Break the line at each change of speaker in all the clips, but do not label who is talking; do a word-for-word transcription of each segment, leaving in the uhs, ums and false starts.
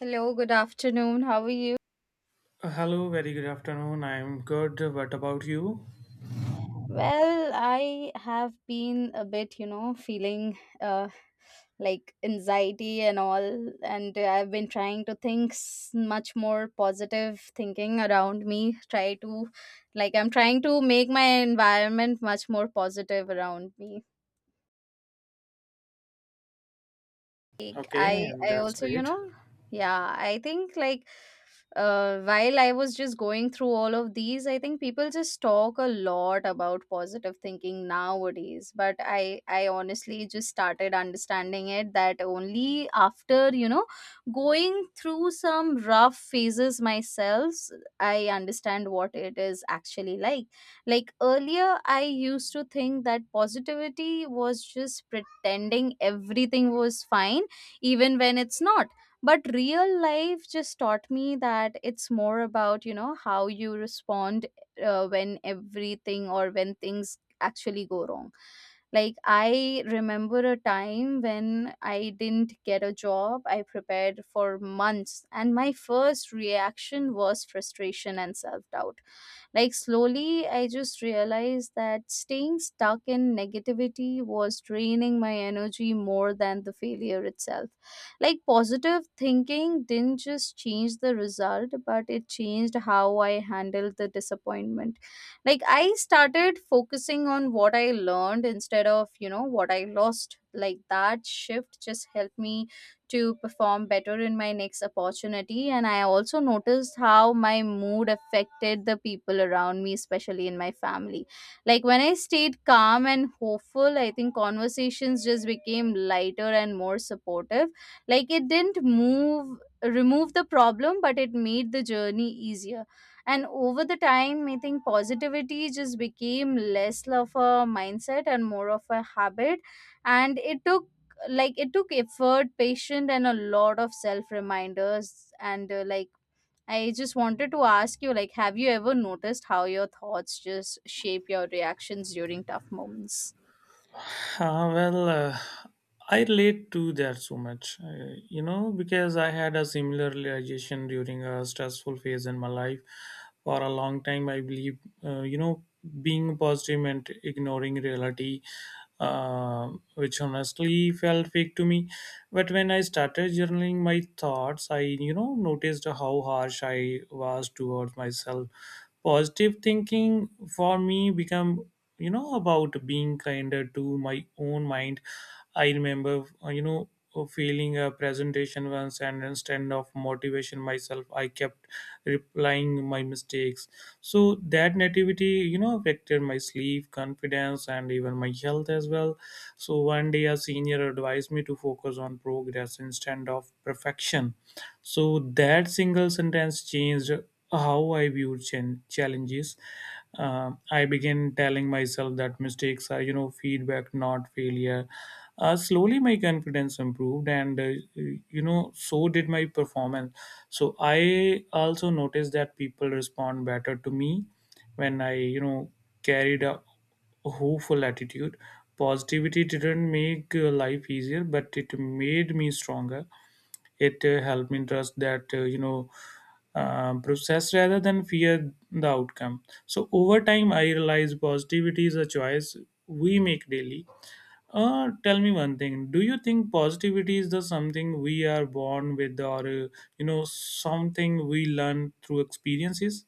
Hello, good afternoon. How are you?
Uh, Hello, very good afternoon. I'm good. What about you?
Well, I have been a bit, you know, feeling uh, like anxiety and all, and I've been trying to think s- much more positive thinking around me. Try to, like, I'm trying to make my environment much more positive around me. like
Okay,
i
and
i
that's
also, you
great.
know, yeah, I think like uh while I was just going through all of these, I think people just talk a lot about positive thinking nowadays, but i i honestly just started understanding it that only after, you know, going through some rough phases myself, I understand what it is actually like. Like earlier I used to think that positivity was just pretending everything was fine, even when it's not. But real life just taught me that it's more about, you know, how you respond uh, when everything or when things actually go wrong. Like I remember a time when I didn't get a job. I prepared for months and my first reaction was frustration and self doubt. Like, slowly, I just realized that staying stuck in negativity was draining my energy more than the failure itself. Like, positive thinking didn't just change the result, but it changed how I handled the disappointment. Like, I started focusing on what I learned instead of, you know, what I lost. Like, that shift just helped me to perform better in my next opportunity. And I also noticed how my mood affected the people around me, especially in my family. Like when I stayed calm and hopeful, I think conversations just became lighter and more supportive. Like it didn't move remove the problem, but it made the journey easier. And over the time, I think positivity just became less of a mindset and more of a habit. And it took, like it took effort, patience, and a lot of self reminders. And uh, like I just wanted to ask you, like, have you ever noticed how your thoughts just shape your reactions during tough moments?
Uh, well, uh, I relate to that so much, uh, you know, because I had a similar realization during a stressful phase in my life. For a long time, I believe, uh, you know, being positive and ignoring reality, uh, which honestly felt fake to me. But when I started journaling my thoughts, I, you know, noticed how harsh I was towards myself. Positive thinking for me become you know about being kinder to my own mind. I remember uh, you know failing a presentation once, and instead of motivation myself, I kept replying my mistakes. So that nativity, you know, affected my sleep, confidence, and even my health as well. So one day a senior advised me to focus on progress instead of perfection. So that single sentence changed how I viewed chan- challenges. Uh, I began telling myself that mistakes are, you know, feedback, not failure. Uh, slowly, my confidence improved, and uh, you know, so did my performance. So I also noticed that people respond better to me when I, you know, carried a hopeful attitude. Positivity didn't make uh, life easier, but it made me stronger. It uh, helped me trust that uh, you know uh, process rather than fear the outcome. So over time I realized positivity is a choice we make daily. Uh, tell me one thing, do you think positivity is the something we are born with, or uh, you know something we learn through experiences?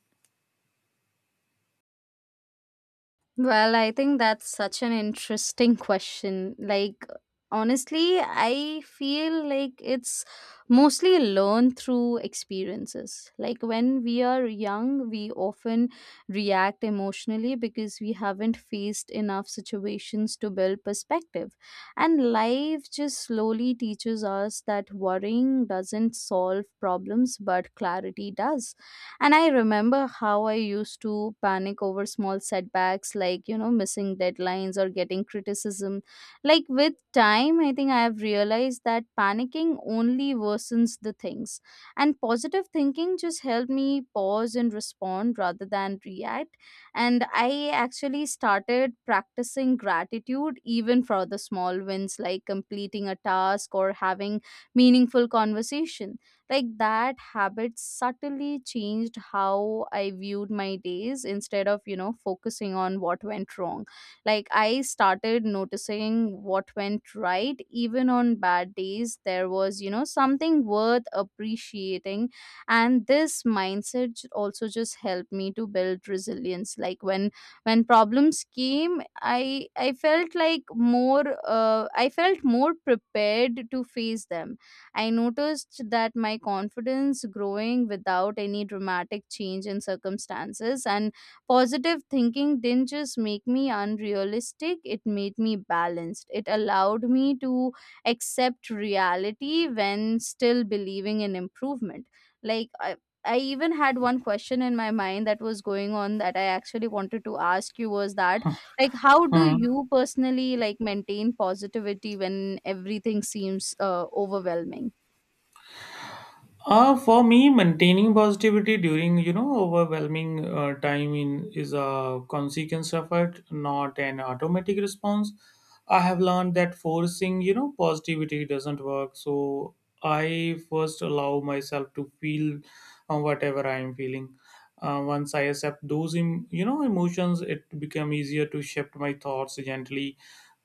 Well, I think that's such an interesting question. Like, honestly, I feel like it's mostly learned through experiences. Like, when we are young, we often react emotionally because we haven't faced enough situations to build perspective. And life just slowly teaches us that worrying doesn't solve problems, but clarity does. And I remember how I used to panic over small setbacks like, you know, missing deadlines or getting criticism. Like with time, I think I have realized that panicking only worsens the things. And positive thinking just helped me pause and respond rather than react. And I actually started practicing gratitude even for the small wins, like completing a task or having meaningful conversation. Like that habit subtly changed how I viewed my days. Instead of, you know, focusing on what went wrong, like I started noticing what went right. Even on bad days, there was, you know, something worth appreciating. And this mindset j- also just helped me to build resilience. Like when when problems came, I I felt like more uh, I felt more prepared to face them. I noticed that my confidence growing without any dramatic change in circumstances. And positive thinking didn't just make me unrealistic, it made me balanced. It allowed me to accept reality when still believing in improvement. Like I, I even had one question in my mind that was going on that I actually wanted to ask you was that, like, how do
Hmm.
you personally, like, maintain positivity when everything seems uh, overwhelming?
Uh, for me, maintaining positivity during you know overwhelming uh, time in is a consequence of it, not an automatic response. I have learned that forcing you know positivity doesn't work. So I first allow myself to feel uh, whatever I am feeling. Uh, once I accept those em- you know emotions, it become easier to shift my thoughts gently.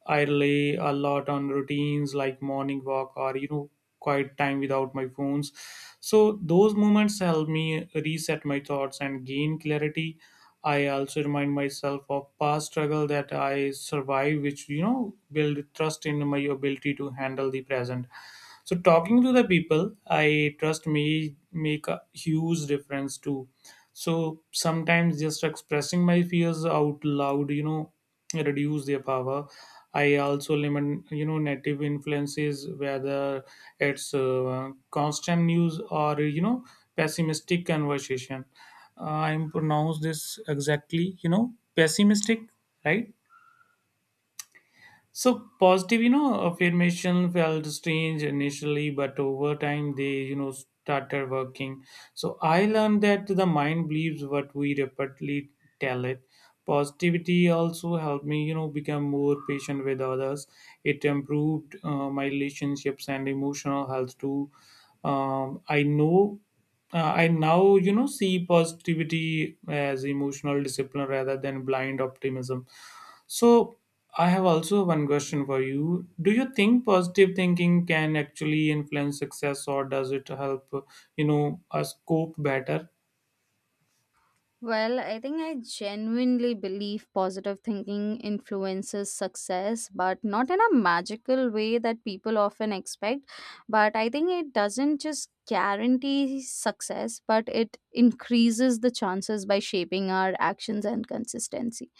I rely a lot on routines like morning walk, or you know, quiet time without my phones. So those moments help me reset my thoughts and gain clarity. I also remind myself of past struggle that I survived, which you know build trust in my ability to handle the present. So talking to the people I trust me make a huge difference too. So sometimes just expressing my fears out loud, you know, reduce their power. I also limit, you know, native influences, whether it's uh, constant news or you know pessimistic conversation. uh, I'm pronounce this exactly, you know, pessimistic, right? So positive, you know, affirmation felt strange initially, but over time they, you know, started working. So I learned that the mind believes what we repeatedly tell it. Positivity also helped me, you know, become more patient with others. It improved uh, my relationships and emotional health too. Um, I know uh, I now, you know, see positivity as emotional discipline rather than blind optimism. So, I have also one question for you. Do you think positive thinking can actually influence success, or does it help, you know, us cope better?
Well, I think I genuinely believe positive thinking influences success, but not in a magical way that people often expect. But I think it doesn't just guarantee success, but it increases the chances by shaping our actions and consistency.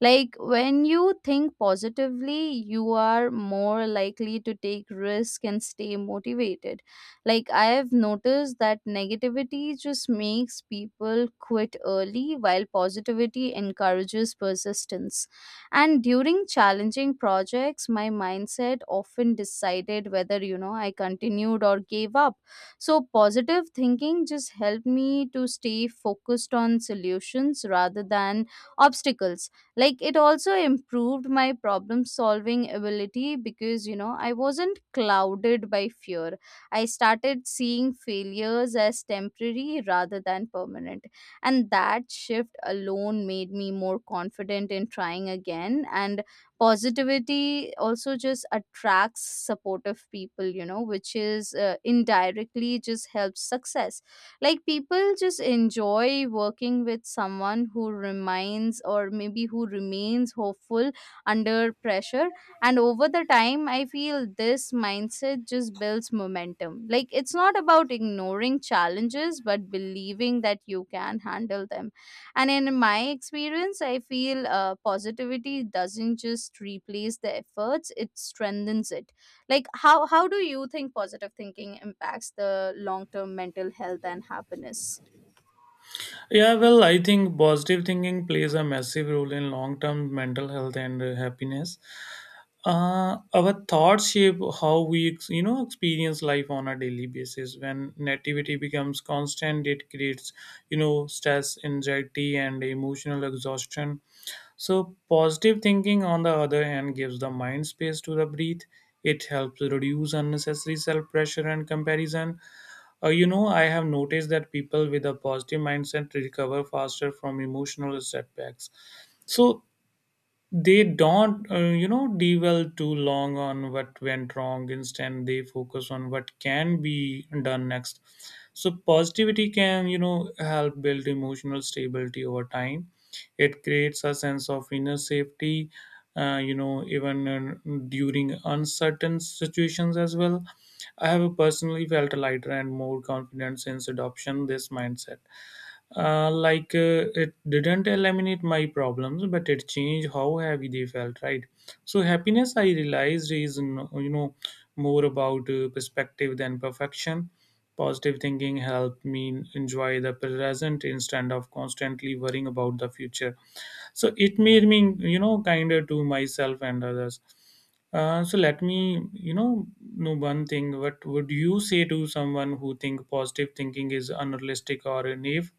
Like when you think positively, you are more likely to take risk and stay motivated. Like I have noticed that negativity just makes people quit early, while positivity encourages persistence. And during challenging projects, my mindset often decided whether, you know, I continued or gave up. So positive thinking just helped me to stay focused on solutions rather than obstacles. Like it also improved my problem solving ability because, you know, I wasn't clouded by fear. I started seeing failures as temporary rather than permanent, and that shift alone made me more confident in trying again. And positivity also just attracts supportive people, you know, which is uh, indirectly just helps success. Like people just enjoy working with someone who reminds, or maybe who remains hopeful under pressure. And over the time, I feel this mindset just builds momentum. Like it's not about ignoring challenges, but believing that you can handle them. And in my experience, I feel uh, positivity doesn't just replace the efforts, it strengthens it. Like how how do you think positive thinking impacts the long term mental health and happiness?
Yeah, well, I think positive thinking plays a massive role in long-term mental health and uh, happiness. Uh, our thoughts shape how we, ex- you know, experience life on a daily basis. When negativity becomes constant, it creates, you know, stress, anxiety, and emotional exhaustion. So, positive thinking, on the other hand, gives the mind space to the breathe. It helps reduce unnecessary self pressure and comparison. Uh, you know, I have noticed that people with a positive mindset recover faster from emotional setbacks. So, they don't uh, you know dwell too long on what went wrong. Instead they focus on what can be done next. So positivity can, you know, help build emotional stability over time. It creates a sense of inner safety, uh, you know, even uh, during uncertain situations as well. I have personally felt lighter and more confident since adoption this mindset. Uh, like uh, it didn't eliminate my problems, but it changed how heavy they felt. Right. So happiness, I realized, is n- you know more about uh, perspective than perfection. Positive thinking helped me enjoy the present instead of constantly worrying about the future. So it made me, you know, kinder to myself and others. Uh, so let me, you know, know one thing. What would you say to someone who think positive thinking is unrealistic or naive?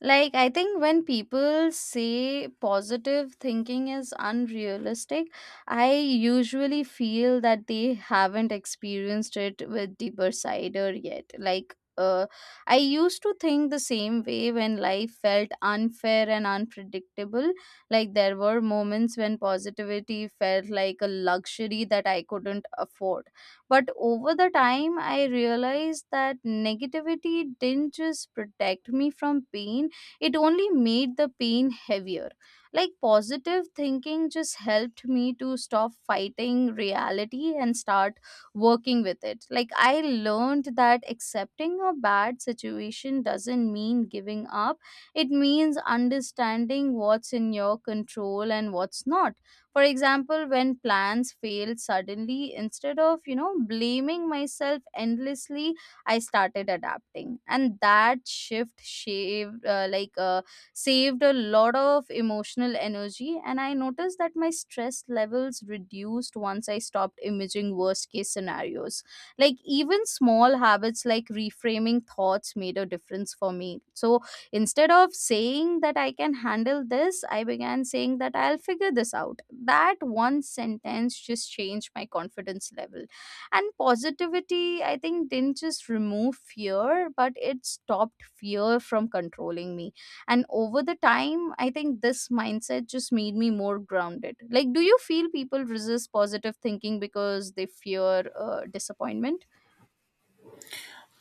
Like, I think when people say positive thinking is unrealistic, I usually feel that they haven't experienced it with deeper cider yet. Like, uh, I used to think the same way when life felt unfair and unpredictable. Like, there were moments when positivity felt like a luxury that I couldn't afford. But over the time, I realized that negativity didn't just protect me from pain, it only made the pain heavier. Like positive thinking just helped me to stop fighting reality and start working with it. Like I learned that accepting a bad situation doesn't mean giving up, it means understanding what's in your control and what's not. For example, when plans fail suddenly, instead of, you know, blaming myself endlessly, I started adapting. And that shift shaved uh, like uh, saved a lot of emotional energy. And I noticed that my stress levels reduced once I stopped imaging worst case scenarios. Like even small habits like reframing thoughts made a difference for me. So instead of saying that I can handle this, I began saying that I'll figure this out. That one sentence just changed my confidence level. And positivity, I think, didn't just remove fear, but it stopped fear from controlling me. And over the time, I think this mindset just made me more grounded. Like do you feel people resist positive thinking because they fear uh, disappointment?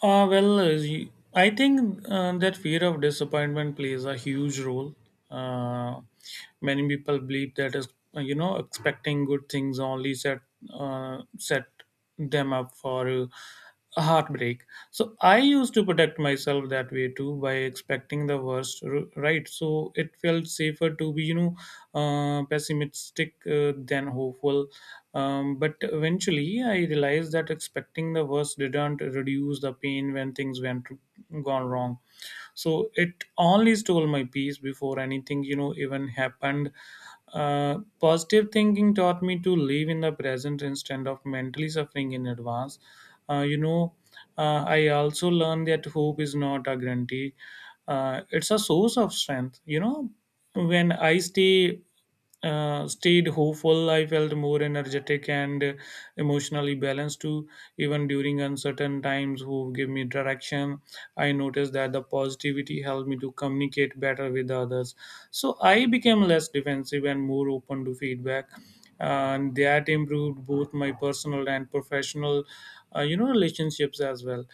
Uh, well, uh, y- I think uh, that fear of disappointment plays a huge role. Uh, Many people believe that is, uh, you know, expecting good things only set uh, set them up for a heartbreak. So I used to protect myself that way too by expecting the worst r- right. So it felt safer to be, you know, uh, pessimistic uh, than hopeful. Um, but eventually I realized that expecting the worst didn't reduce the pain when things went gone wrong. So it only stole my peace before anything, you know, even happened. Uh, positive thinking taught me to live in the present instead of mentally suffering in advance. uh, you know uh, I also learned that hope is not a guarantee. Uh, it's a source of strength, you know. When I stay uh, stayed hopeful, I felt more energetic and uh, emotionally balanced too. Even during uncertain times, who give me direction, I noticed that the positivity helped me to communicate better with others. So I became less defensive and more open to feedback, and that improved both my personal and professional, uh, you know, relationships as well.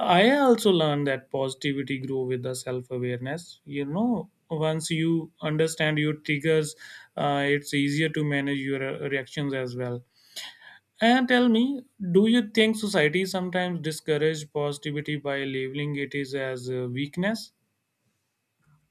I also learned that positivity grew with the self awareness. You know, once you understand your triggers, uh, it's easier to manage your uh, reactions as well. And tell me, do you think society sometimes discourages positivity by labeling it is as a weakness?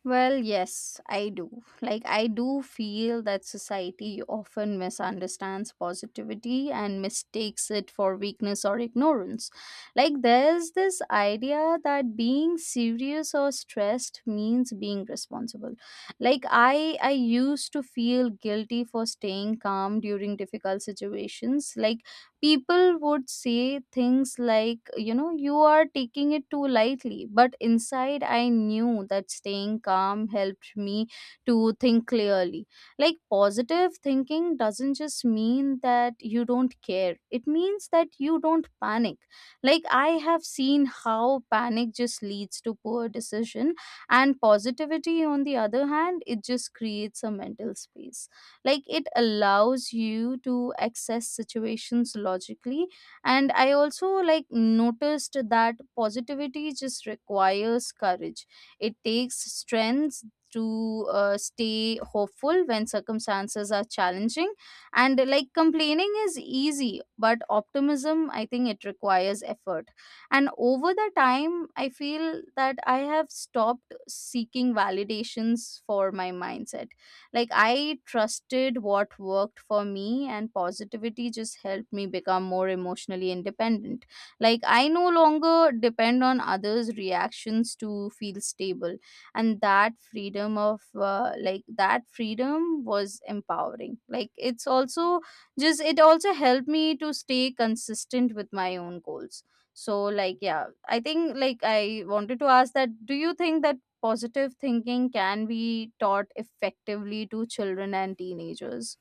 Well, yes, I do. Like, I do feel that society often misunderstands positivity and mistakes it for weakness or ignorance. Like, there's this idea that being serious or stressed means being responsible. Like, I I used to feel guilty for staying calm during difficult situations. Like, people would say things like, you know, you are taking it too lightly, but inside I knew that staying calm helped me to think clearly. Like positive thinking doesn't just mean that you don't care, it means that you don't panic. Like I have seen how panic just leads to poor decision. And positivity, on the other hand, it just creates a mental space. Like it allows you to access situations logically. And I also, like, noticed that positivity just requires courage. It takes strength to uh, stay hopeful when circumstances are challenging. And, like, complaining is easy, but optimism, I think, it requires effort. And over the time, I feel that I have stopped seeking validations for my mindset. Like I trusted what worked for me, and positivity just helped me become more emotionally independent. Like I no longer depend on others' reactions to feel stable, and that freedom of uh, like that freedom was empowering. Like it's also just, it also helped me to stay consistent with my own goals. So, like, yeah, I think, like, I wanted to ask that, do you think that positive thinking can be taught effectively to children and teenagers?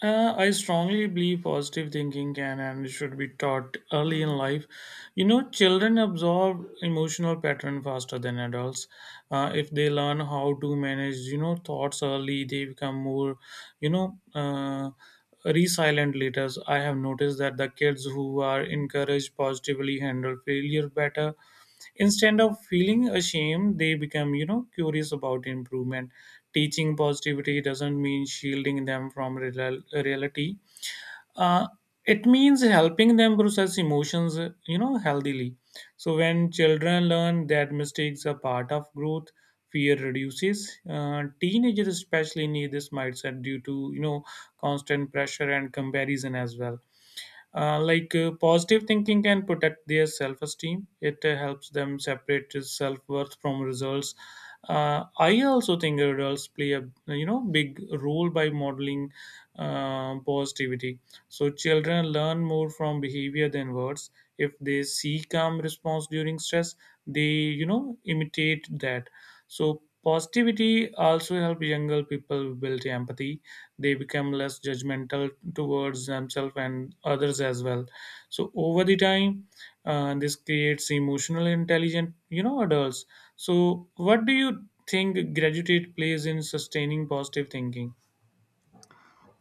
Uh, I strongly believe positive thinking can and should be taught early in life. You know, children absorb emotional pattern faster than adults. Uh, if they learn how to manage, you know, thoughts early, they become more, you know, uh, resilient later. I have noticed that the kids who are encouraged positively handle failure better. Instead of feeling ashamed, they become, you know, curious about improvement. Teaching positivity doesn't mean shielding them from real- reality. uh, it means helping them process emotions, uh, you know, healthily. So when children learn that mistakes are part of growth, fear reduces. Uh, teenagers especially need this mindset due to, you know, constant pressure and comparison as well. Uh, like uh, positive thinking can protect their self esteem. It uh, helps them separate self worth from results. Uh, I also think adults play a, you know, big role by modeling uh, positivity. So children learn more from behavior than words. If they see calm response during stress, they, you know, imitate that. So positivity also help younger people build empathy. They become less judgmental towards themselves and others as well. So over the time, uh, this creates emotional intelligent, you know, adults. So what do you think gratitude plays in sustaining positive thinking?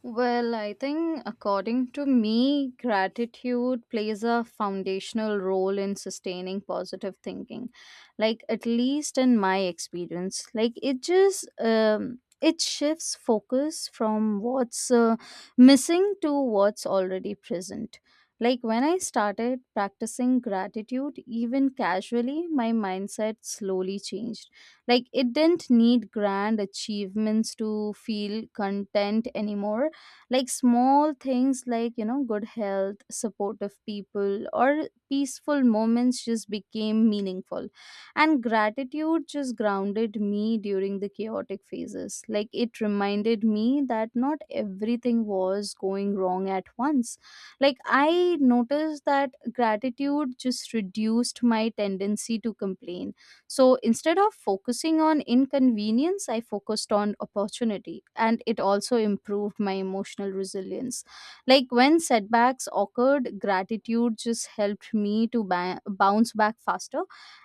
Well, I think, according to me, gratitude plays a foundational role in sustaining positive thinking. Like, at least in my experience, like it just um, it shifts focus from what's uh, missing to what's already present. Like when I started practicing gratitude, even casually, my mindset slowly changed. Like it didn't need grand achievements to feel content anymore. Like small things like, you know, good health, supportive people, or peaceful moments just became meaningful. And gratitude just grounded me during the chaotic phases. Like it reminded me that not everything was going wrong at once. Like I noticed that gratitude just reduced my tendency to complain. So instead of focusing on inconvenience, I focused on opportunity. And it also improved my emotional resilience. Like when setbacks occurred, gratitude just helped me to ba- bounce back faster.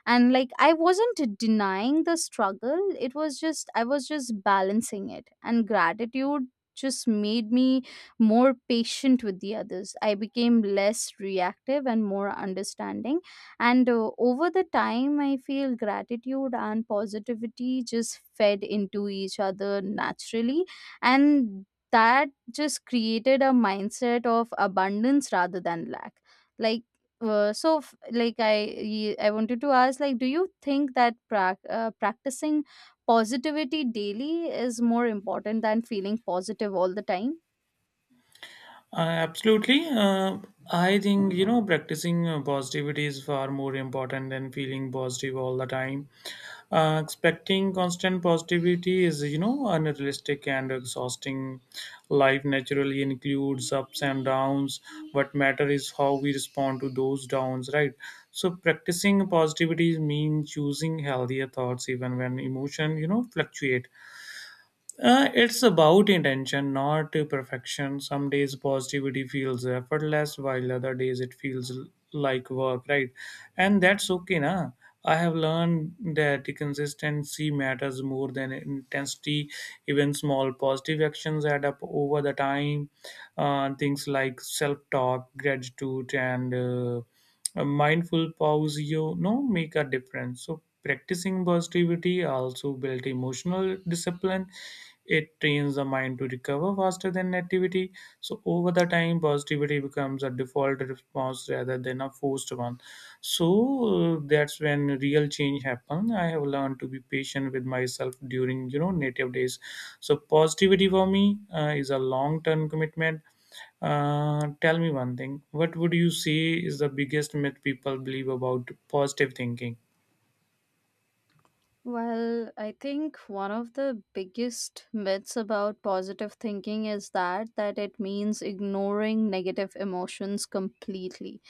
And like I wasn't denying the struggle, it was just, I was just balancing it. And gratitude just made me more patient with the others. I became less reactive and more understanding and uh, Over the time, I feel gratitude and positivity just fed into each other naturally, and that just created a mindset of abundance rather than lack. Like uh, so f- like i y- i wanted to ask, like, do you think that prac uh, practicing positivity daily is more important than feeling positive all the time?
Uh, absolutely uh, I think, you know, practicing uh, positivity is far more important than feeling positive all the time. Uh, expecting constant positivity is, you know, unrealistic and exhausting. Life naturally includes ups and downs. What matter is how we respond to those downs, right? So practicing positivity means choosing healthier thoughts even when emotion, you know, fluctuate. Uh, it's about intention, not uh, perfection. Some days positivity feels effortless, while other days it feels l- like work, right? And that's okay, na. I have learned that the consistency matters more than intensity. Even small positive actions add up over the time. Uh, things like self-talk, gratitude, and uh, a mindful pause, you know, make a difference. So practicing positivity also built emotional discipline. It trains the mind to recover faster than negativity. So over the time, positivity becomes a default response rather than a forced one. So uh, that's when real change happens. I have learned to be patient with myself during you know native days. So positivity for me uh, is a long-term commitment. Uh, tell me one thing. What would you say is the biggest myth people believe about positive thinking?
Well, I think one of the biggest myths about positive thinking is that that it means ignoring negative emotions completely.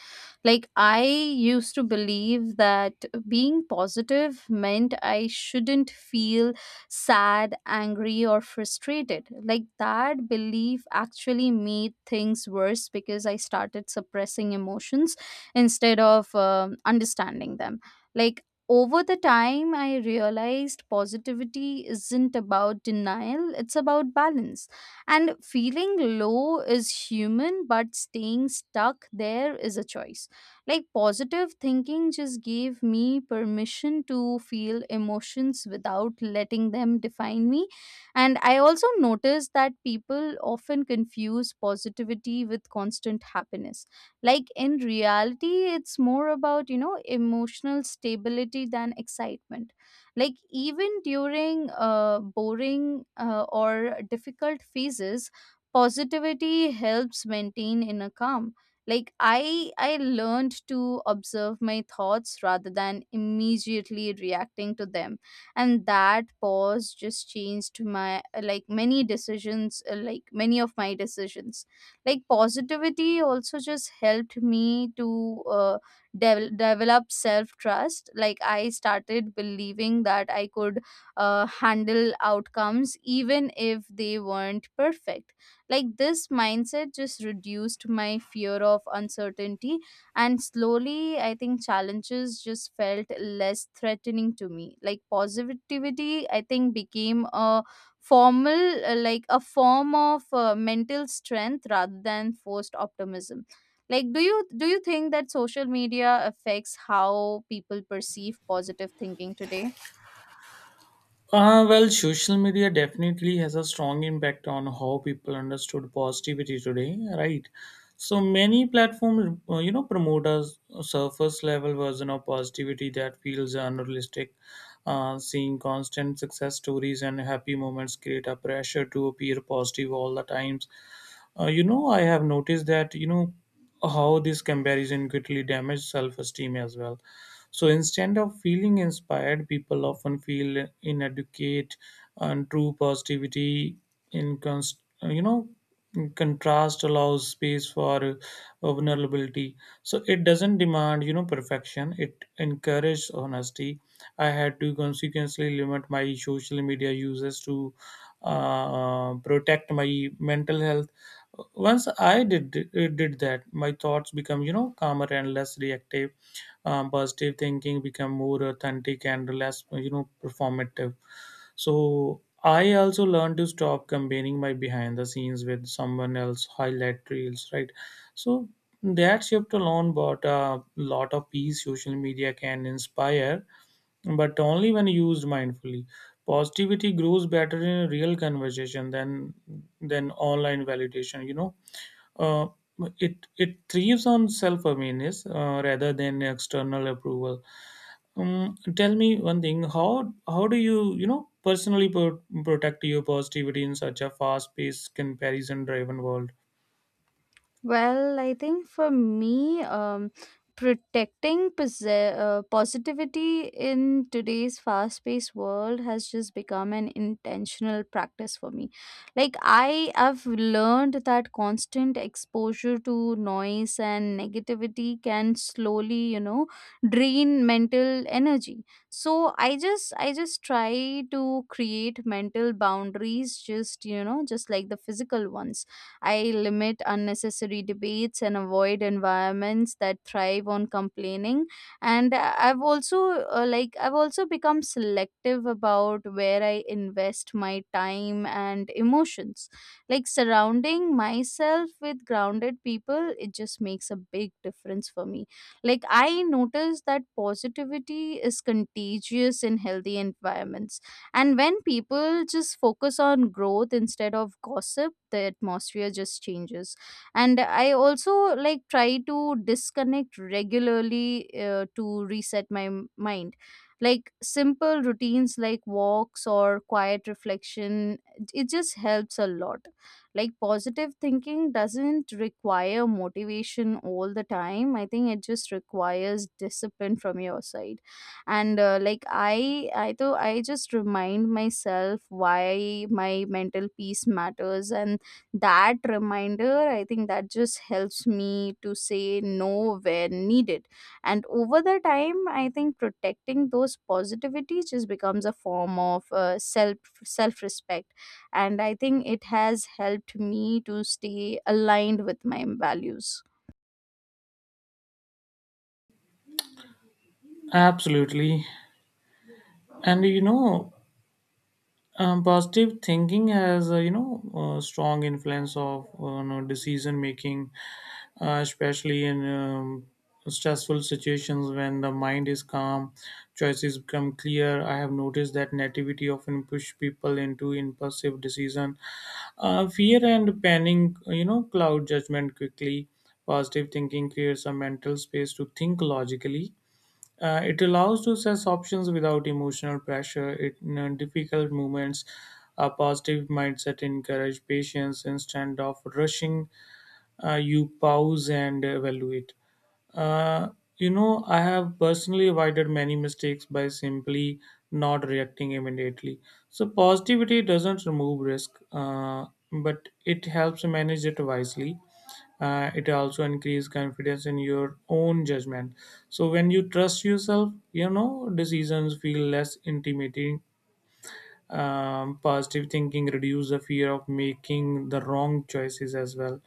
Like, I used to believe that being positive meant I shouldn't feel sad, angry, or frustrated. Like, that belief actually made things worse because I started suppressing emotions instead of um, understanding them. Like, over the time, I realized positivity isn't about denial, it's about balance. And feeling low is human, but staying stuck there is a choice. Like, positive thinking just gave me permission to feel emotions without letting them define me. And I also noticed that people often confuse positivity with constant happiness. Like, in reality, it's more about, you know, emotional stability than excitement. Like, even during uh, boring uh, or difficult phases, positivity helps maintain inner calm. Like i i learned to observe my thoughts rather than immediately reacting to them, and that pause just changed my uh, like many decisions uh, like many of my decisions. Like, positivity also just helped me to uh, devel- develop self trust. Like, I started believing that I could uh, handle outcomes even if they weren't perfect. Like, this mindset just reduced my fear of uncertainty, and slowly, I think challenges just felt less threatening to me. Like, positivity, I think, became a formal, uh, like a form of uh, mental strength rather than forced optimism. Like, do you do you think that social media affects how people perceive positive thinking today?
Uh, well, social media definitely has a strong impact on how people understood positivity today, right? So many platforms, uh, you know, promote a s- a surface level version of positivity that feels unrealistic. Uh, seeing constant success stories and happy moments create a pressure to appear positive all the times. Uh, you know, I have noticed that, you know, how this comparison quickly damages self esteem as well. So instead of feeling inspired, people often feel inadequate. And true positivity in const- uh, you know contrast allows space for uh, vulnerability. So it doesn't demand, you know, perfection. It encourages honesty. I had to consequently limit my social media uses to uh, protect my mental health. Once I did uh, did that, my thoughts become, you know, calmer and less reactive. Um, positive thinking become more authentic and less, you know, performative. So I also learned to stop comparing my behind the scenes with someone else highlight reels, right? So that shift alone brought a lot of peace. Social media can inspire, but only when used mindfully. Positivity grows better in a real conversation than than online validation, you know. uh, it it thrives on self awareness uh, rather than external approval. Um, tell me one thing: how how do you, you know, personally pro- protect your positivity in such a fast paced comparison driven world?
Well, I think for me, um, protecting pose- uh, positivity in today's fast paced world has just become an intentional practice for me. Like, I have learned that constant exposure to noise and negativity can slowly, you know, drain mental energy. So I just, I just try to create mental boundaries, just, you know, just like the physical ones. I limit unnecessary debates and avoid environments that thrive on complaining. And I- I've also uh, like I've also become selective about where I invest my time and emotions. Like, surrounding myself with grounded people, it just makes a big difference for me. Like, I notice that positivity is contagious in healthy environments, and when people just focus on growth instead of gossip, the atmosphere just changes. And I also like try to disconnect regularly uh, to reset my m- mind. Like, simple routines like walks or quiet reflection, it just helps a lot. Like, positive thinking doesn't require motivation all the time. I think it just requires discipline from your side. And uh, like i i though i just remind myself why my mental peace matters, and that reminder, I think, that just helps me to say no where needed. And over the time, I think protecting those positivity just becomes a form of uh, self self respect, and I think it has helped me to stay aligned with my values.
Absolutely, and you know. Um, positive thinking has a, you know, a strong influence of, uh, you know, decision making, uh, especially in um, stressful situations. When the mind is calm, choices become clear. I have noticed that nativity often push people into impulsive decision. Uh, fear and panic, you know, cloud judgment quickly. Positive thinking creates a mental space to think logically. Uh, it allows to assess options without emotional pressure. It, in uh, difficult moments, a positive mindset encourage patience instead of rushing. Uh, you pause and evaluate. Uh, you know, I have personally avoided many mistakes by simply not reacting immediately. So, positivity doesn't remove risk, uh, but it helps manage it wisely. Uh, it also increases confidence in your own judgment. So, when you trust yourself, you know, decisions feel less intimidating. Um, positive thinking reduce the fear of making the wrong choices as well.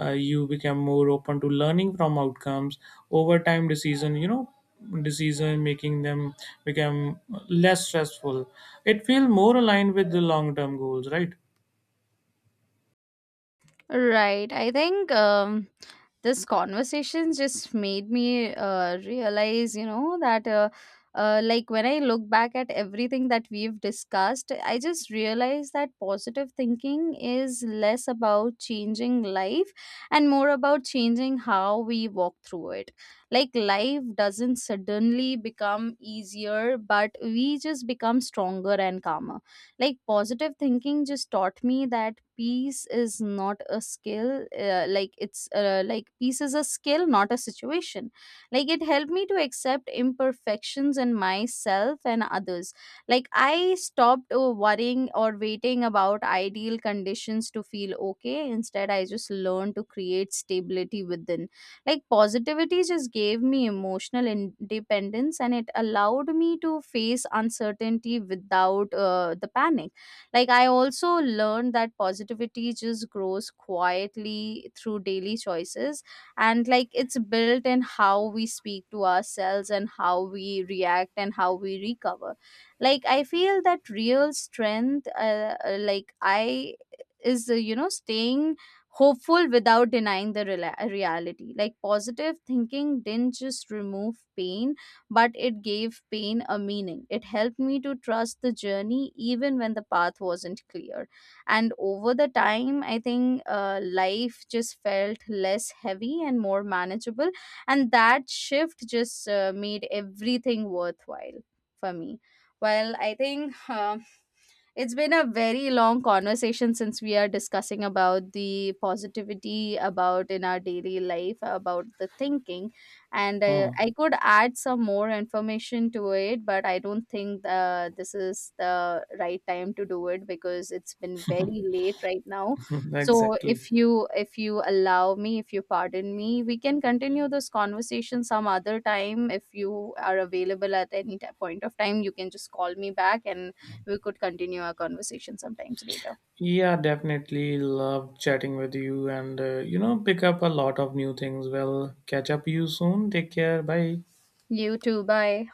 uh, You become more open to learning from outcomes. Over time decision you know decision making them become less stressful. It feel more aligned with the long term goals, right?
Right. I think, um, this conversation just made me uh, realize, you know, that uh, uh, like when I look back at everything that we've discussed, I just realize that positive thinking is less about changing life and more about changing how we walk through it. Like, life doesn't suddenly become easier, but we just become stronger and calmer. Like, positive thinking just taught me that peace is not a skill uh, like it's uh, like peace is a skill, not a situation. Like, it helped me to accept imperfections in myself and others. Like, I stopped uh, worrying or waiting about ideal conditions to feel okay. Instead, I just learned to create stability within. Like, positivity just gave me emotional independence, and it allowed me to face uncertainty without uh, the panic. Like, I also learned that positivity just grows quietly through daily choices. And like, it's built in how we speak to ourselves and how we react and how we recover. Like, I feel that real strength uh, uh, like I is, uh, you know, staying hopeful without denying the rela- reality. Like, positive thinking didn't just remove pain, but it gave pain a meaning. It helped me to trust the journey even when the path wasn't clear. And over the time, I think uh, life just felt less heavy and more manageable. And that shift just uh, made everything worthwhile for me. Well, I think. um it's been a very long conversation since we are discussing about the positivity about in our daily life, about the thinking, and uh,
Huh.
I could add some more information to it, but I don't think uh, this is the right time to do it because it's been very late right now. So
Exactly.
if you if you allow me, if you pardon me, we can continue this conversation some other time. If you are available at any t- point of time, you can just call me back, and we could continue our conversation sometimes later.
Yeah, definitely love chatting with you, and uh, you know, pick up a lot of new things. We'll catch up you soon. Take care. Bye.
You too. Bye.